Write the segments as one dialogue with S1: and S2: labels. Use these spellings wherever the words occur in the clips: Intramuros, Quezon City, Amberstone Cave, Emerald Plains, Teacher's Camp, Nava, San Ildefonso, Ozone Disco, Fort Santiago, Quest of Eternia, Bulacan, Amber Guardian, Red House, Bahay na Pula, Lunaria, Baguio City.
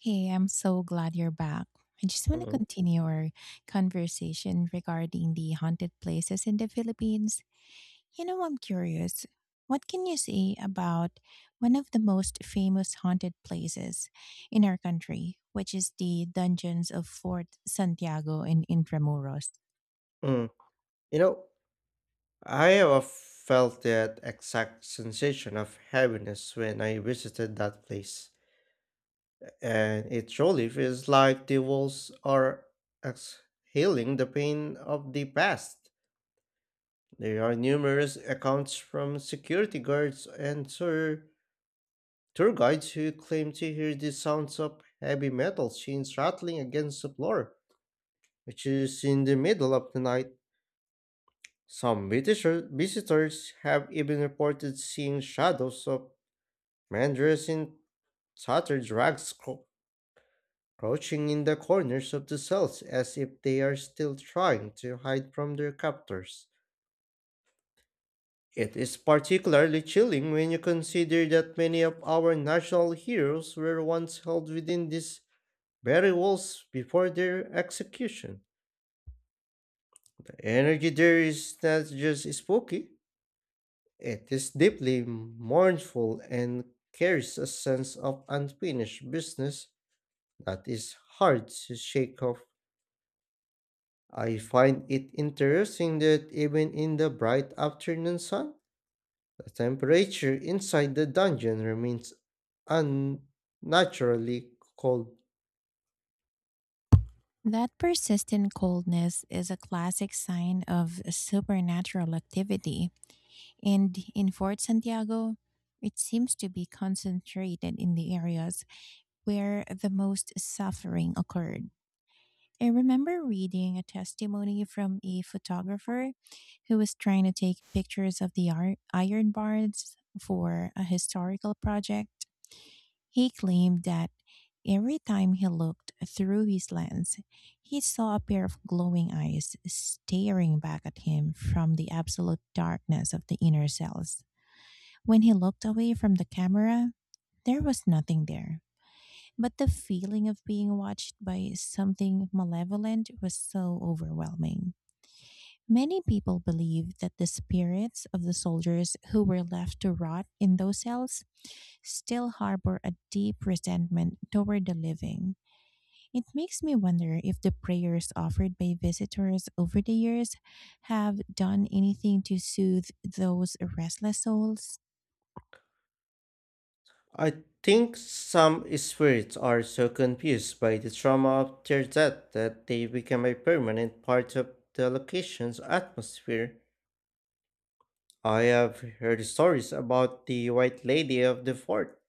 S1: Hey, I'm so glad you're back. I just want to
S2: Mm,
S1: continue our conversation regarding the haunted places in the Philippines. You know, I'm curious, what can you say about one of the most famous haunted places in our country, which is the dungeons of Fort Santiago in Intramuros?
S2: mm. You know, I have felt that exact sensation of heaviness when I visited that place, and it truly feels like the walls are exhaling the pain of the past. There are numerous accounts from security guards and tour guides who claim to hear the sounds of heavy metal chains rattling against the floor, which is in the middle of the night. Some visitors have even reported seeing shadows of men dressed in tattered rags crouching in the corners of the cells as if they are still trying to hide from their captors. It is particularly chilling when you consider that many of our national heroes were once held within these very walls before their execution. The energy there is not just spooky, it is deeply mournful and carries a sense of unfinished business that is hard to shake off. I find it interesting that even in the bright afternoon sun, the temperature inside the dungeon remains unnaturally cold.
S1: That persistent coldness is a classic sign of supernatural activity. And in Fort Santiago, it seems to be concentrated in the areas where the most suffering occurred. I remember reading a testimony from a photographer who was trying to take pictures of the iron bars for a historical project. He claimed that every time he looked through his lens, he saw a pair of glowing eyes staring back at him from the absolute darkness of the inner cells. When he looked away from the camera, there was nothing there. But the feeling of being watched by something malevolent was so overwhelming. Many people believe that the spirits of the soldiers who were left to rot in those cells still harbor a deep resentment toward the living. It makes me wonder if the prayers offered by visitors over the years have done anything to soothe those restless souls.
S2: I think some spirits are so confused by the trauma of their death that they become a permanent part of the location's atmosphere. I have heard stories about the White Lady of the Fort,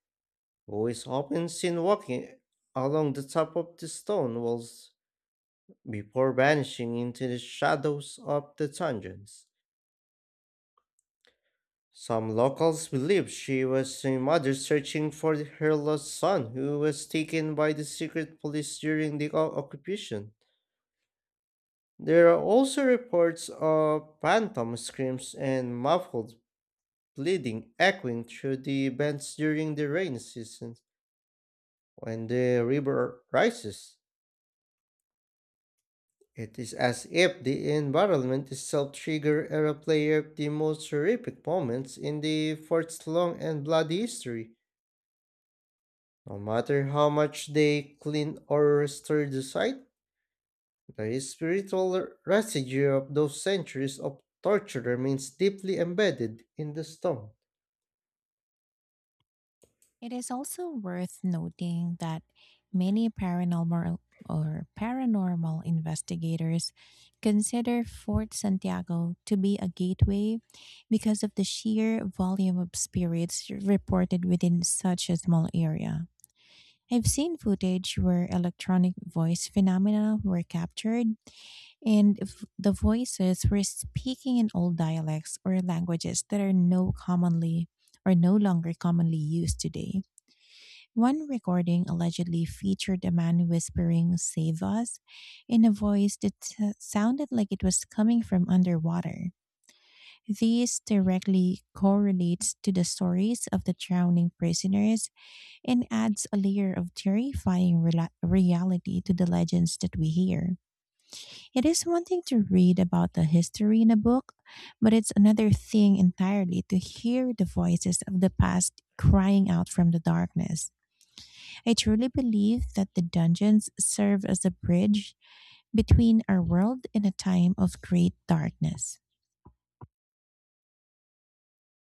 S2: who is often seen walking along the top of the stone walls before vanishing into the shadows of the dungeons. Some locals believe she was a mother searching for her lost son, who was taken by the secret police during the occupation. There are also reports of phantom screams and muffled bleeding echoing through the vents during the rainy season. When the river rises, it is as if the environment itself trigger a replay of the most horrific moments in the fort's long and bloody history. No matter how much they clean or restore the site, the spiritual residue of those centuries of torture remains deeply embedded in the stone.
S1: It is also worth noting that many paranormal investigators consider Fort Santiago to be a gateway because of the sheer volume of spirits reported within such a small area. I've seen footage where electronic voice phenomena were captured, and if the voices were speaking in old dialects or languages that are no longer commonly used today. One recording allegedly featured a man whispering, "Save us," in a voice that sounded like it was coming from underwater. This directly correlates to the stories of the drowning prisoners and adds a layer of terrifying reality to the legends that we hear. It is one thing to read about the history in a book, but it's another thing entirely to hear the voices of the past crying out from the darkness. I truly believe that the dungeons serve as a bridge between our world and a time of great darkness.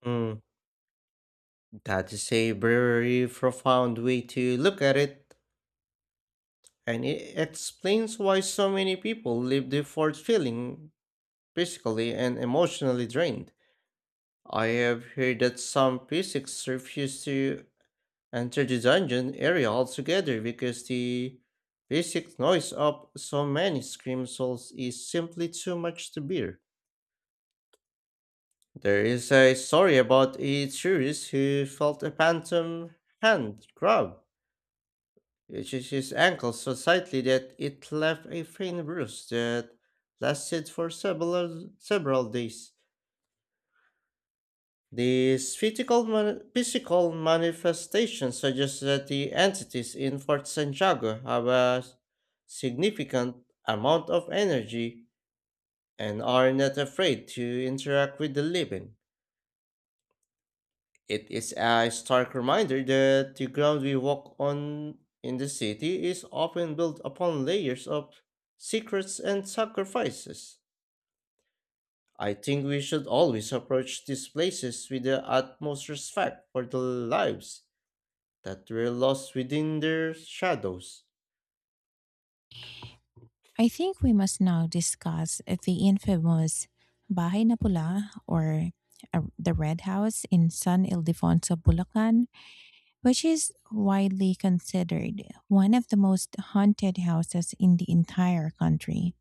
S2: Mm, that is a very profound way to look at it, and it explains why so many people leave the fort feeling physically and emotionally drained. I have heard that some physics refuse to enter the dungeon area altogether because the basic noise of so many scream souls is simply too much to bear. There is a story about a tourist who felt a phantom hand grab, which is his ankle so tightly that it left a faint bruise that lasted for several days. These physical manifestations suggest that the entities in Fort Santiago have a significant amount of energy and are not afraid to interact with the living. It is a stark reminder that the ground we walk on in the city is often built upon layers of secrets and sacrifices. I think we should always approach these places with the utmost respect for the lives that were lost within their shadows.
S1: I think we must now discuss the infamous Bahay na Pula, or the Red House in San Ildefonso, Bulacan, which is widely considered one of the most haunted houses in the entire country.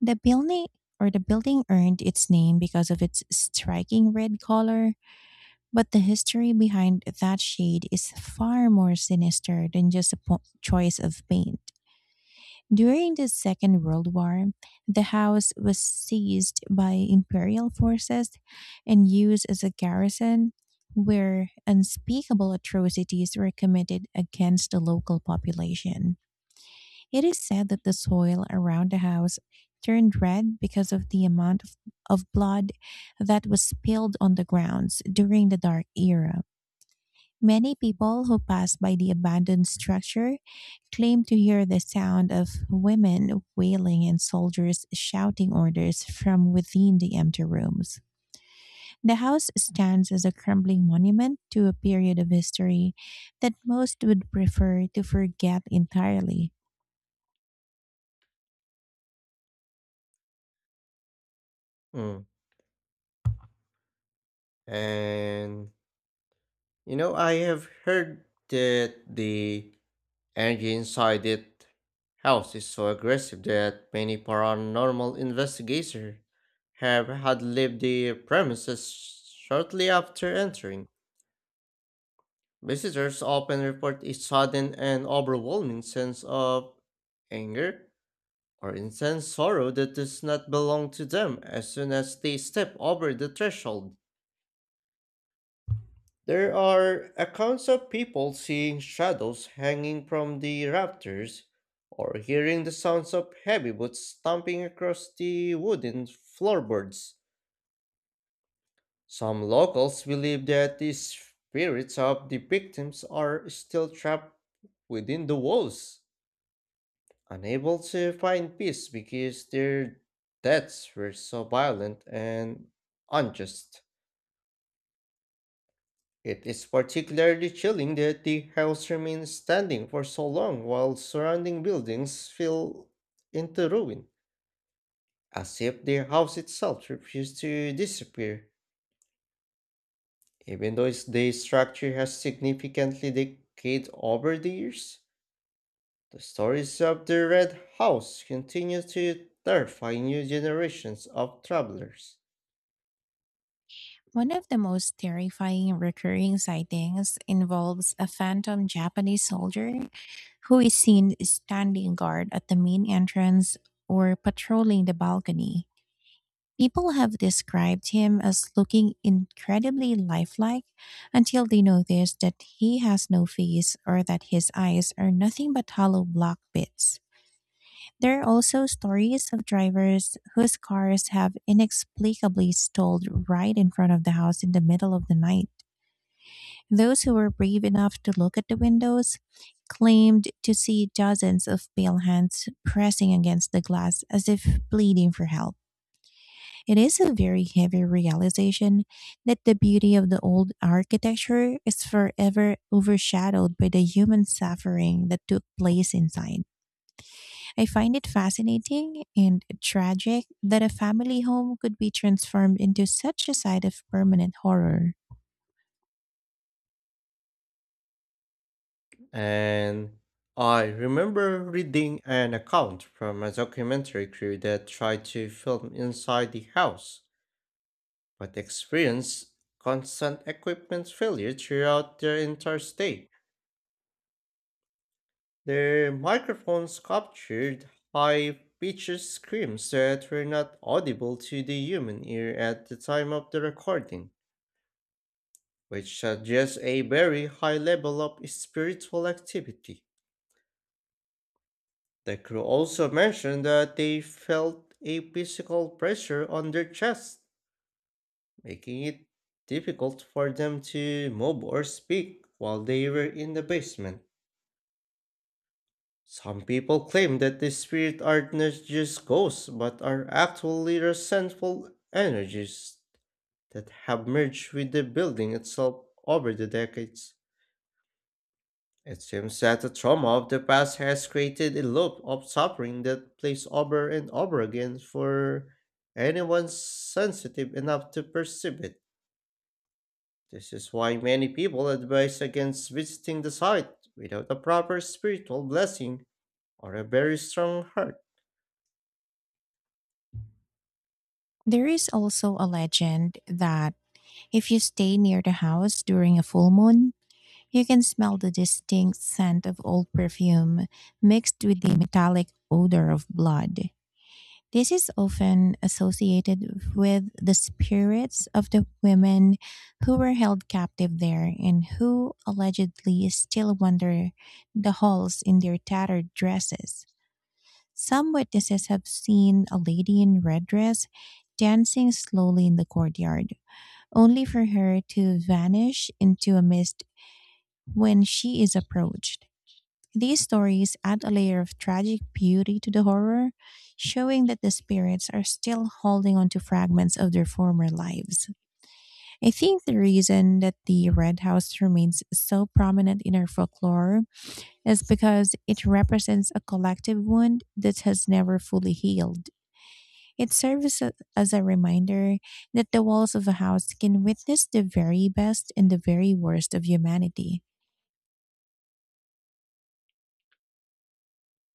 S1: The building the building earned its name because of its striking red color, but the history behind that shade is far more sinister than just a choice of paint. During the Second World War, the house was seized by imperial forces and used as a garrison where unspeakable atrocities were committed against the local population. It is said that the soil around the house turned red because of the amount of blood that was spilled on the grounds during the Dark Era. Many people who pass by the abandoned structure claim to hear the sound of women wailing and soldiers shouting orders from within the empty rooms. The house stands as a crumbling monument to a period of history that most would prefer to forget entirely.
S2: Mm. And you know, I have heard that the energy inside it house is so aggressive that many paranormal investigators have had left the premises shortly after entering. Visitors often report a sudden and overwhelming sense of anger or intense sorrow that does not belong to them as soon as they step over the threshold. There are accounts of people seeing shadows hanging from the rafters or hearing the sounds of heavy boots stomping across the wooden floorboards. Some locals believe that the spirits of the victims are still trapped within the walls, unable to find peace because their deaths were so violent and unjust. It is particularly chilling that the house remains standing for so long while surrounding buildings fell into ruin, as if the house itself refused to disappear. Even though the structure has significantly decayed over the years, the stories of the Red House continue to terrify new generations of travelers.
S1: One of the most terrifying recurring sightings involves a phantom Japanese soldier who is seen standing guard at the main entrance or patrolling the balcony. People have described him as looking incredibly lifelike until they notice that he has no face or that his eyes are nothing but hollow black bits. There are also stories of drivers whose cars have inexplicably stalled right in front of the house in the middle of the night. Those who were brave enough to look at the windows claimed to see dozens of pale hands pressing against the glass as if pleading for help. It is a very heavy realization that the beauty of the old architecture is forever overshadowed by the human suffering that took place inside. I find it fascinating and tragic that a family home could be transformed into such a site of permanent horror.
S2: And I remember reading an account from a documentary crew that tried to film inside the house, but experienced constant equipment failure throughout their entire stay. Their microphones captured high pitched screams that were not audible to the human ear at the time of the recording, which suggests a very high level of spiritual activity. The crew also mentioned that they felt a physical pressure on their chest, making it difficult for them to move or speak while they were in the basement. Some people claim that the spirits are not just ghosts but are actually resentful energies that have merged with the building itself over the decades. It seems that the trauma of the past has created a loop of suffering that plays over and over again for anyone sensitive enough to perceive it. This is why many people advise against visiting the site without a proper spiritual blessing or a very strong heart.
S1: There is also a legend that if you stay near the house during a full moon, you can smell the distinct scent of old perfume mixed with the metallic odor of blood. This is often associated with the spirits of the women who were held captive there and who allegedly still wander the halls in their tattered dresses. Some witnesses have seen a lady in red dress dancing slowly in the courtyard, only for her to vanish into a mist when she is approached. These stories add a layer of tragic beauty to the horror, showing that the spirits are still holding on to fragments of their former lives. I think the reason that the Red House remains so prominent in our folklore is because it represents a collective wound that has never fully healed. It serves as a reminder that the walls of a house can witness the very best and the very worst of humanity.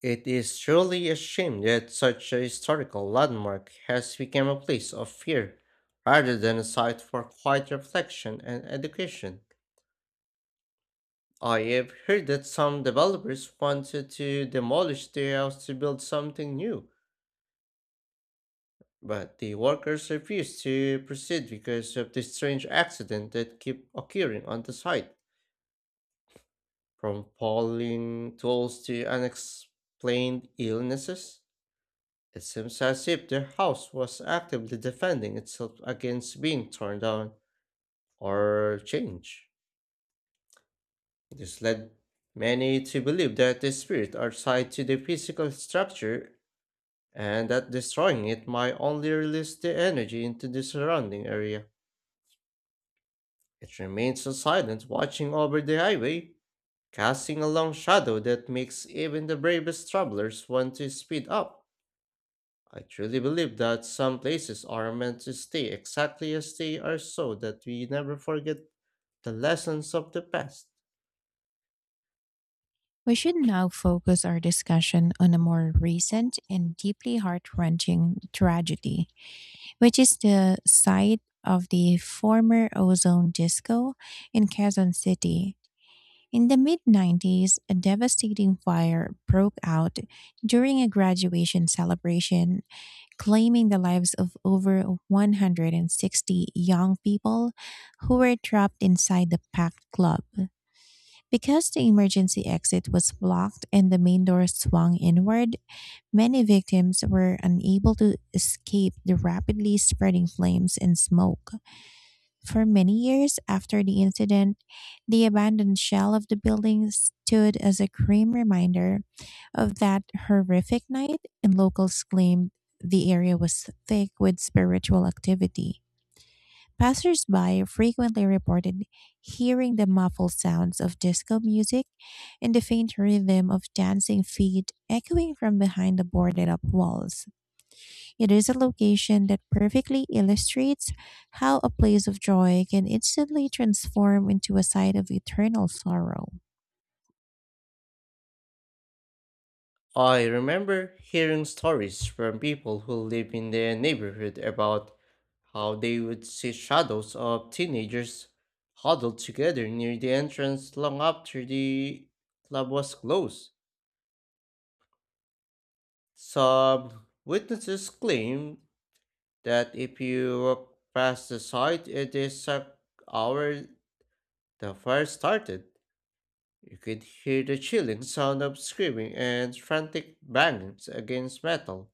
S2: It is truly a shame that such a historical landmark has become a place of fear rather than a site for quiet reflection and education. I have heard that some developers wanted to demolish their house to build something new, but the workers refused to proceed because of the strange accident that keep occurring on the site, from falling tools to unexplained illnesses. It seems as if the house was actively defending itself against being torn down or changed. This led many to believe that the spirits are tied to the physical structure and that destroying it might only release the energy into the surrounding area. It remains so silent, watching over the highway, casting a long shadow that makes even the bravest travelers want to speed up. I truly believe that some places are meant to stay exactly as they are so that we never forget the lessons of the past.
S1: We should now focus our discussion on a more recent and deeply heart wrenching tragedy, which is the site of the former Ozone Disco in Quezon City. In the mid 90s, a devastating fire broke out during a graduation celebration, claiming the lives of over 160 young people who were trapped inside the packed club. Because the emergency exit was blocked and the main door swung inward, many victims were unable to escape the rapidly spreading flames and smoke. For many years after the incident, the abandoned shell of the building stood as a grim reminder of that horrific night, and locals claimed the area was thick with spiritual activity. Passersby frequently reported hearing the muffled sounds of disco music and the faint rhythm of dancing feet echoing from behind the boarded up walls. It is a location that perfectly illustrates how a place of joy can instantly transform into a site of eternal sorrow.
S2: I remember hearing stories from people who live in their neighborhood about how they would see shadows of teenagers huddled together near the entrance long after the club was closed. Some witnesses claim that if you walk past the site at the exact hour the fire started, you could hear the chilling sound of screaming and frantic bangings against metal.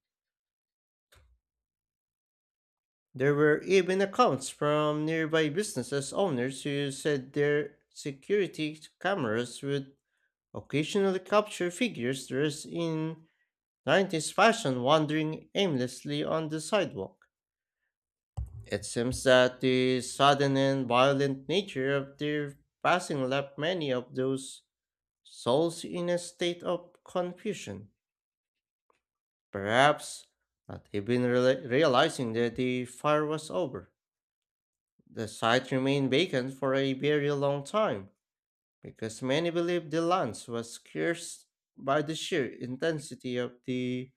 S2: There were even accounts from nearby businesses owners who said their security cameras would occasionally capture figures dressed in 90s fashion wandering aimlessly on the sidewalk. It seems that the sudden and violent nature of their passing left many of those souls in a state of confusion, perhaps not even realizing that the fire was over. The site remained vacant for a very long time because many believed the lands was cursed by the sheer intensity of the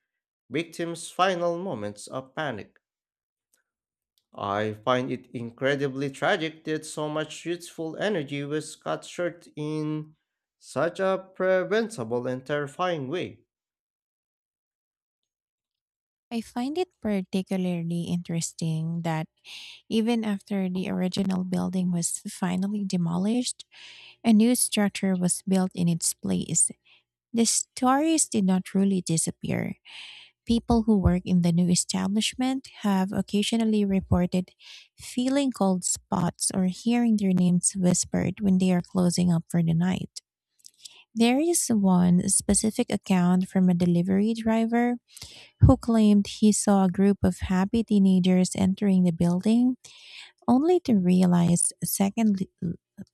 S2: victim's final moments of panic. I find it incredibly tragic that so much youthful energy was cut short in such a preventable and terrifying way.
S1: I find it particularly interesting that even after the original building was finally demolished, a new structure was built in its place. The stories did not really disappear. People who work in the new establishment have occasionally reported feeling cold spots or hearing their names whispered when they are closing up for the night. There is one specific account from a delivery driver who claimed he saw a group of happy teenagers entering the building, only to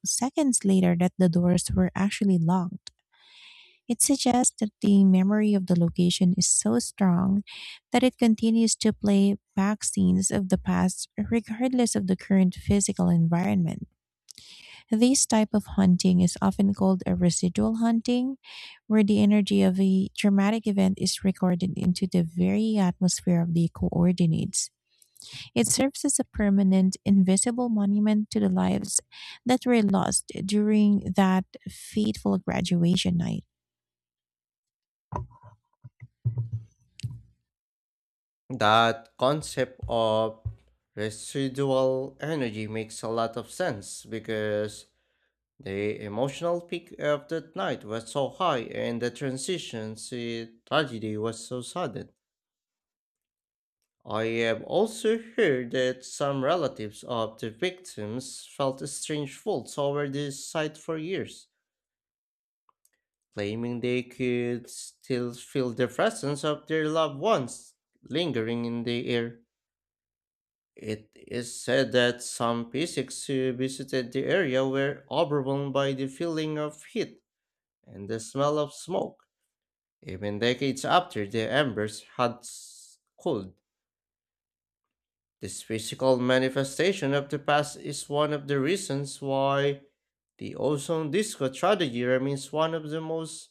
S1: seconds later that the doors were actually locked. It suggests that the memory of the location is so strong that it continues to play back scenes of the past regardless of the current physical environment. This type of haunting is often called a residual haunting, where the energy of a traumatic event is recorded into the very atmosphere of the coordinates. It serves as a permanent, invisible monument to the lives that were lost during that fateful graduation night.
S2: That concept of residual energy makes a lot of sense because the emotional peak of that night was so high and the transition to tragedy was so sudden. I have also heard that some relatives of the victims felt strange faults over this site for years, claiming they could still feel the presence of their loved ones lingering in the air. It is said that some physicists who visited the area were overwhelmed by the feeling of heat and the smell of smoke. Even decades after the embers had cooled, this physical manifestation of the past is one of the reasons why the ozone disco tragedy remains one of the most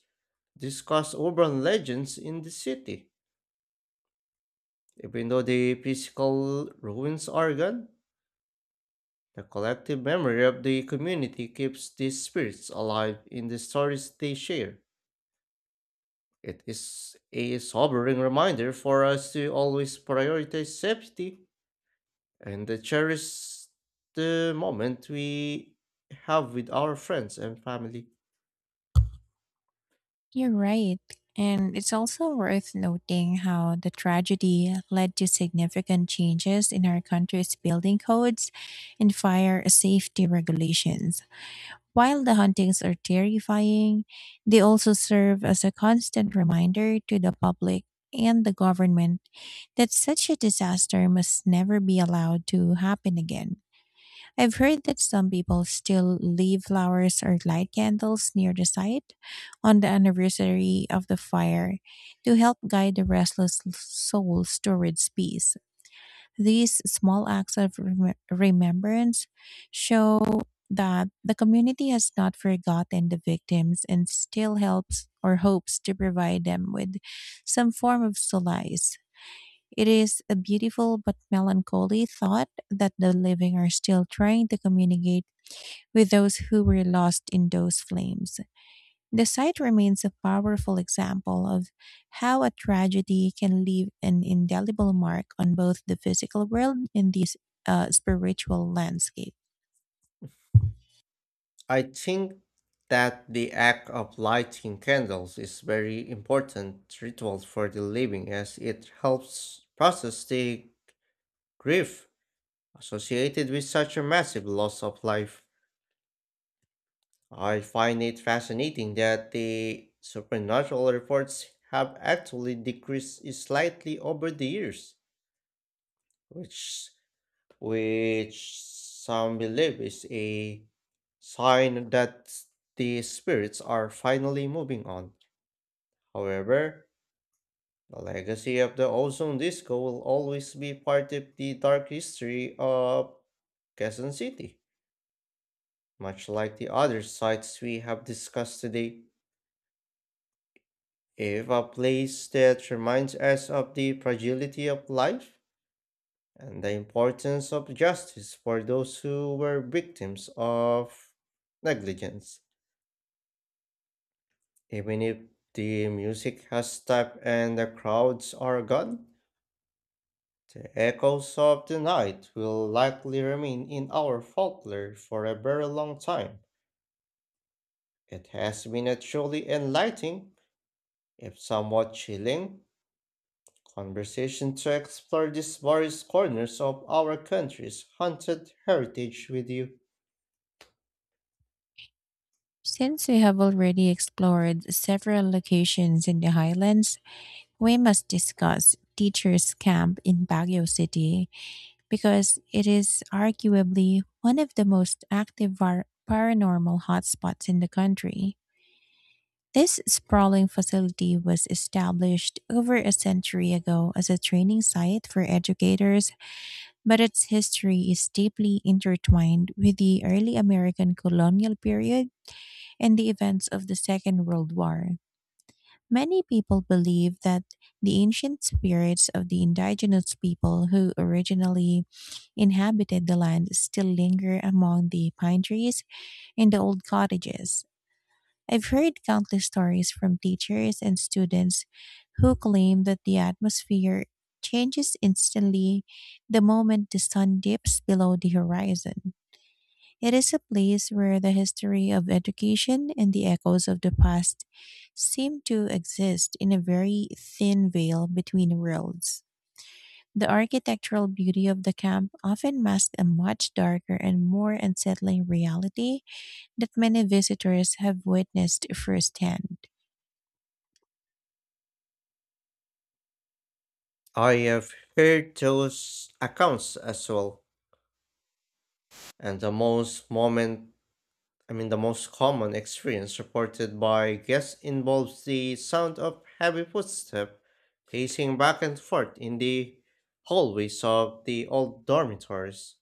S2: discussed urban legends in the city. Even though the physical ruins are gone, the collective memory of the community keeps these spirits alive in the stories they share. It is a sobering reminder for us to always prioritize safety and cherish the moment we have with our friends and family.
S1: You're right. And it's also worth noting how the tragedy led to significant changes in our country's building codes and fire safety regulations. While the hauntings are terrifying, they also serve as a constant reminder to the public and the government that such a disaster must never be allowed to happen again. I've heard that some people still leave flowers or light candles near the site on the anniversary of the fire to help guide the restless souls towards peace. These small acts of remembrance show that the community has not forgotten the victims and still helps or hopes to provide them with some form of solace. It is a beautiful but melancholy thought that the living are still trying to communicate with those who were lost in those flames. The site remains a powerful example of how a tragedy can leave an indelible mark on both the physical world and the spiritual landscape.
S2: I think that the act of lighting candles is very important ritual for the living as it helps process the grief associated with such a massive loss of life. I find it fascinating that the supernatural reports have actually decreased slightly over the years, which which some believe is a sign that the spirits are finally moving on. However, the legacy of the ozone disco will always be part of the dark history of Quezon City, much like the other sites we have discussed today. If a place that reminds us of the fragility of life and the importance of justice for those who were victims of negligence. Even if the music has stopped and the crowds are gone, the echoes of the night will likely remain in our folklore for a very long time. It has been a truly enlightening, if somewhat chilling, conversation to explore these various corners of our country's haunted heritage with you.
S1: Since we have already explored several locations in the highlands, we must discuss Teacher's Camp in Baguio City because it is arguably one of the most active paranormal hotspots in the country. This sprawling facility was established over a century ago as a training site for educators, but its history is deeply intertwined with the early American colonial period and the events of the Second World War. Many people believe that the ancient spirits of the indigenous people who originally inhabited the land still linger among the pine trees and the old cottages. I've heard countless stories from teachers and students who claim that the atmosphere changes instantly the moment the sun dips below the horizon. It is a place where the history of education and the echoes of the past seem to exist in a very thin veil between worlds. The architectural beauty of the camp often masks a much darker and more unsettling reality that many visitors have witnessed firsthand.
S2: I have heard those accounts as well, and the most moment I mean, the most common experience reported by guests involves the sound of heavy footsteps pacing back and forth in the hallways of the old dormitories.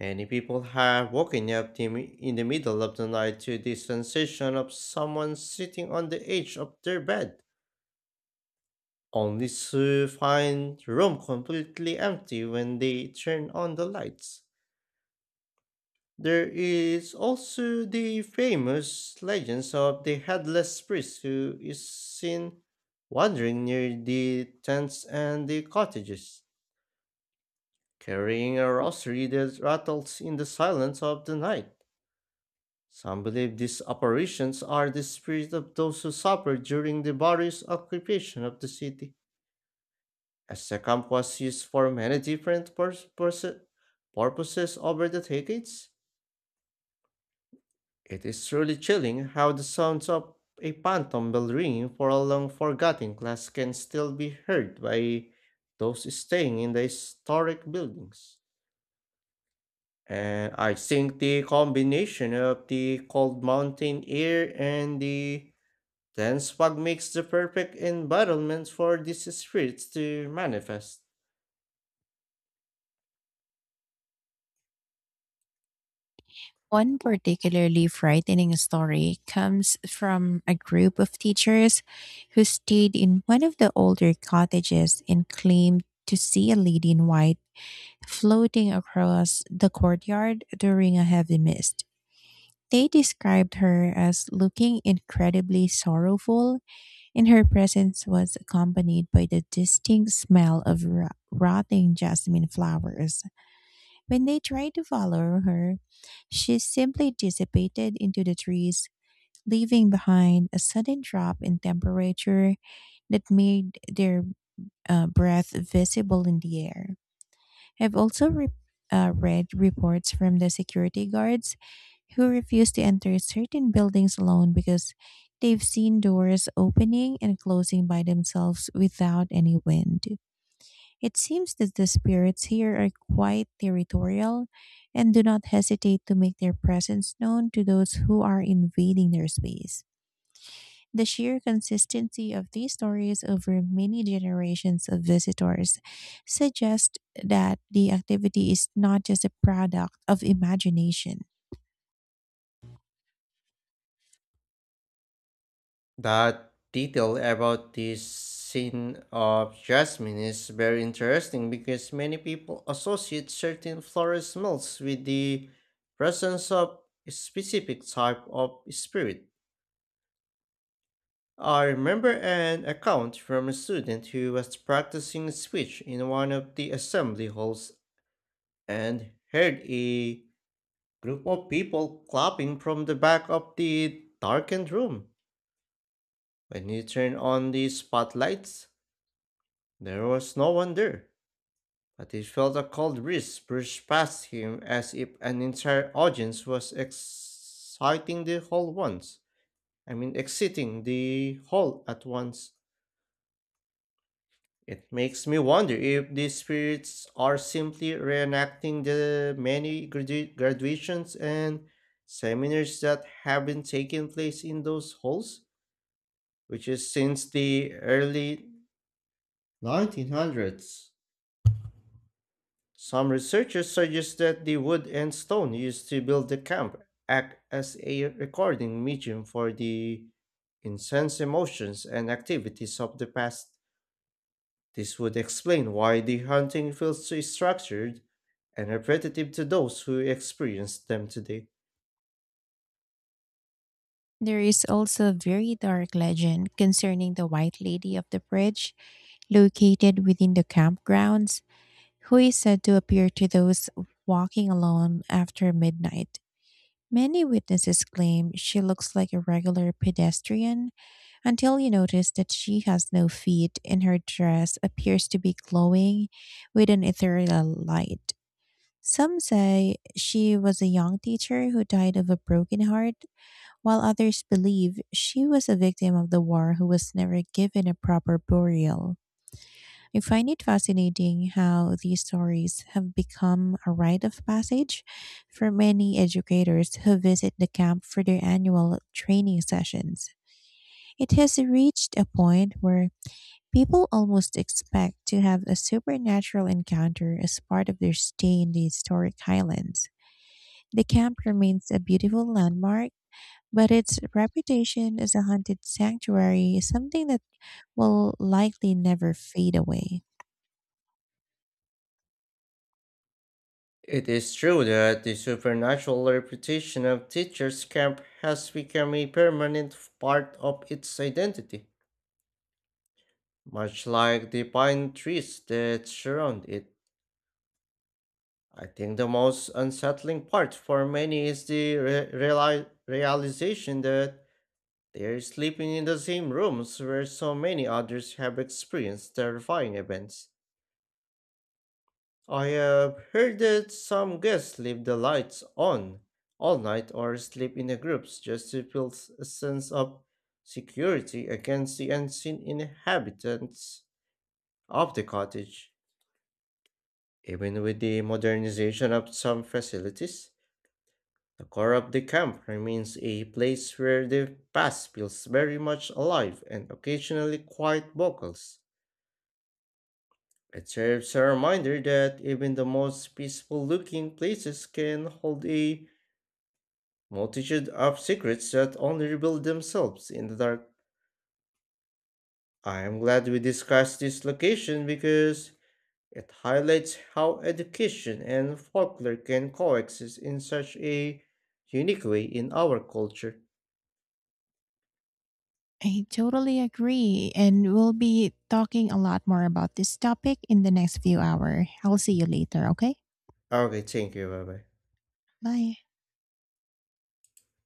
S2: Many people have woken up the in the middle of the night to the sensation of someone sitting on the edge of their bed, only to find the room completely empty when they turn on the lights. There is also the famous legends of the headless priest who is seen wandering near the tents and the cottages, carrying a rosary that rattles in the silence of the night. Some believe these apparitions are the spirits of those who suffered during the various occupation of the city, as the camp was used for many different purposes over the decades. It is truly chilling how the sounds of a phantom bell ringing for a long forgotten class can still be heard by those staying in the historic buildings. And I think the combination of the cold mountain air and the dense fog makes the perfect environment for these spirits to manifest.
S1: One particularly frightening story comes from a group of teachers who stayed in one of the older cottages and claimed to see a lady in white floating across the courtyard during a heavy mist. They described her as looking incredibly sorrowful, and her presence was accompanied by the distinct smell of rotting jasmine flowers. When they tried to follow her, she simply dissipated into the trees, leaving behind a sudden drop in temperature that made their breath visible in the air. I've also read reports from the security guards who refuse to enter certain buildings alone because they've seen doors opening and closing by themselves without any wind. It seems that the spirits here are quite territorial and do not hesitate to make their presence known to those who are invading their space. The sheer consistency of these stories over many generations of visitors suggests that the activity is not just a product of imagination.
S2: That detail about the scene of jasmine is very interesting because many people associate certain floral smells with the presence of a specific type of spirit. I remember an account from a student who was practicing speech in one of the assembly halls and heard a group of people clapping from the back of the darkened room. When he turned on the spotlights, there was no one there, but he felt a cold breeze brush past him as if an entire audience was exciting the whole once. I mean, exiting the hall at once. It makes me wonder if these spirits are simply reenacting the many graduations and seminars that have been taking place in those halls, which is since the early 1900s. Some researchers suggest that the wood and stone used to build the camp act as a recording medium for the intense emotions and activities of the past. This would explain why the hunting feels so structured and repetitive to those who experience them today.
S1: There is also a very dark legend concerning the White Lady of the Bridge located within the campgrounds, who is said to appear to those walking alone after midnight. Many witnesses claim she looks like a regular pedestrian until you notice that she has no feet and her dress appears to be glowing with an ethereal light. Some say she was a young teacher who died of a broken heart, while others believe she was a victim of the war who was never given a proper burial. I find it fascinating how these stories have become a rite of passage for many educators who visit the camp for their annual training sessions. It has reached a point where people almost expect to have a supernatural encounter as part of their stay in the historic highlands. The camp remains a beautiful landmark, but its reputation as a haunted sanctuary is something that will likely never fade away.
S2: It is true that the supernatural reputation of Teacher's Camp has become a permanent part of its identity, much like the pine trees that surround it. I think the most unsettling part for many is the realization that they're sleeping in the same rooms where so many others have experienced terrifying events. I have heard that some guests leave the lights on all night or sleep in the groups just to feel a sense of security against the unseen inhabitants of the cottage. Even with the modernization of some facilities, the core of the camp remains a place where the past feels very much alive and occasionally quite vocals. It serves a reminder that even the most peaceful looking places can hold a multitude of secrets that only reveal themselves in the dark. I am glad we discussed this location because it highlights how education and folklore can coexist in such a unique way in our culture.
S1: I totally agree. And we'll be talking a lot more about this topic in the next few hours. I'll see you later, okay?
S2: Okay, thank you, bye bye.
S1: Bye.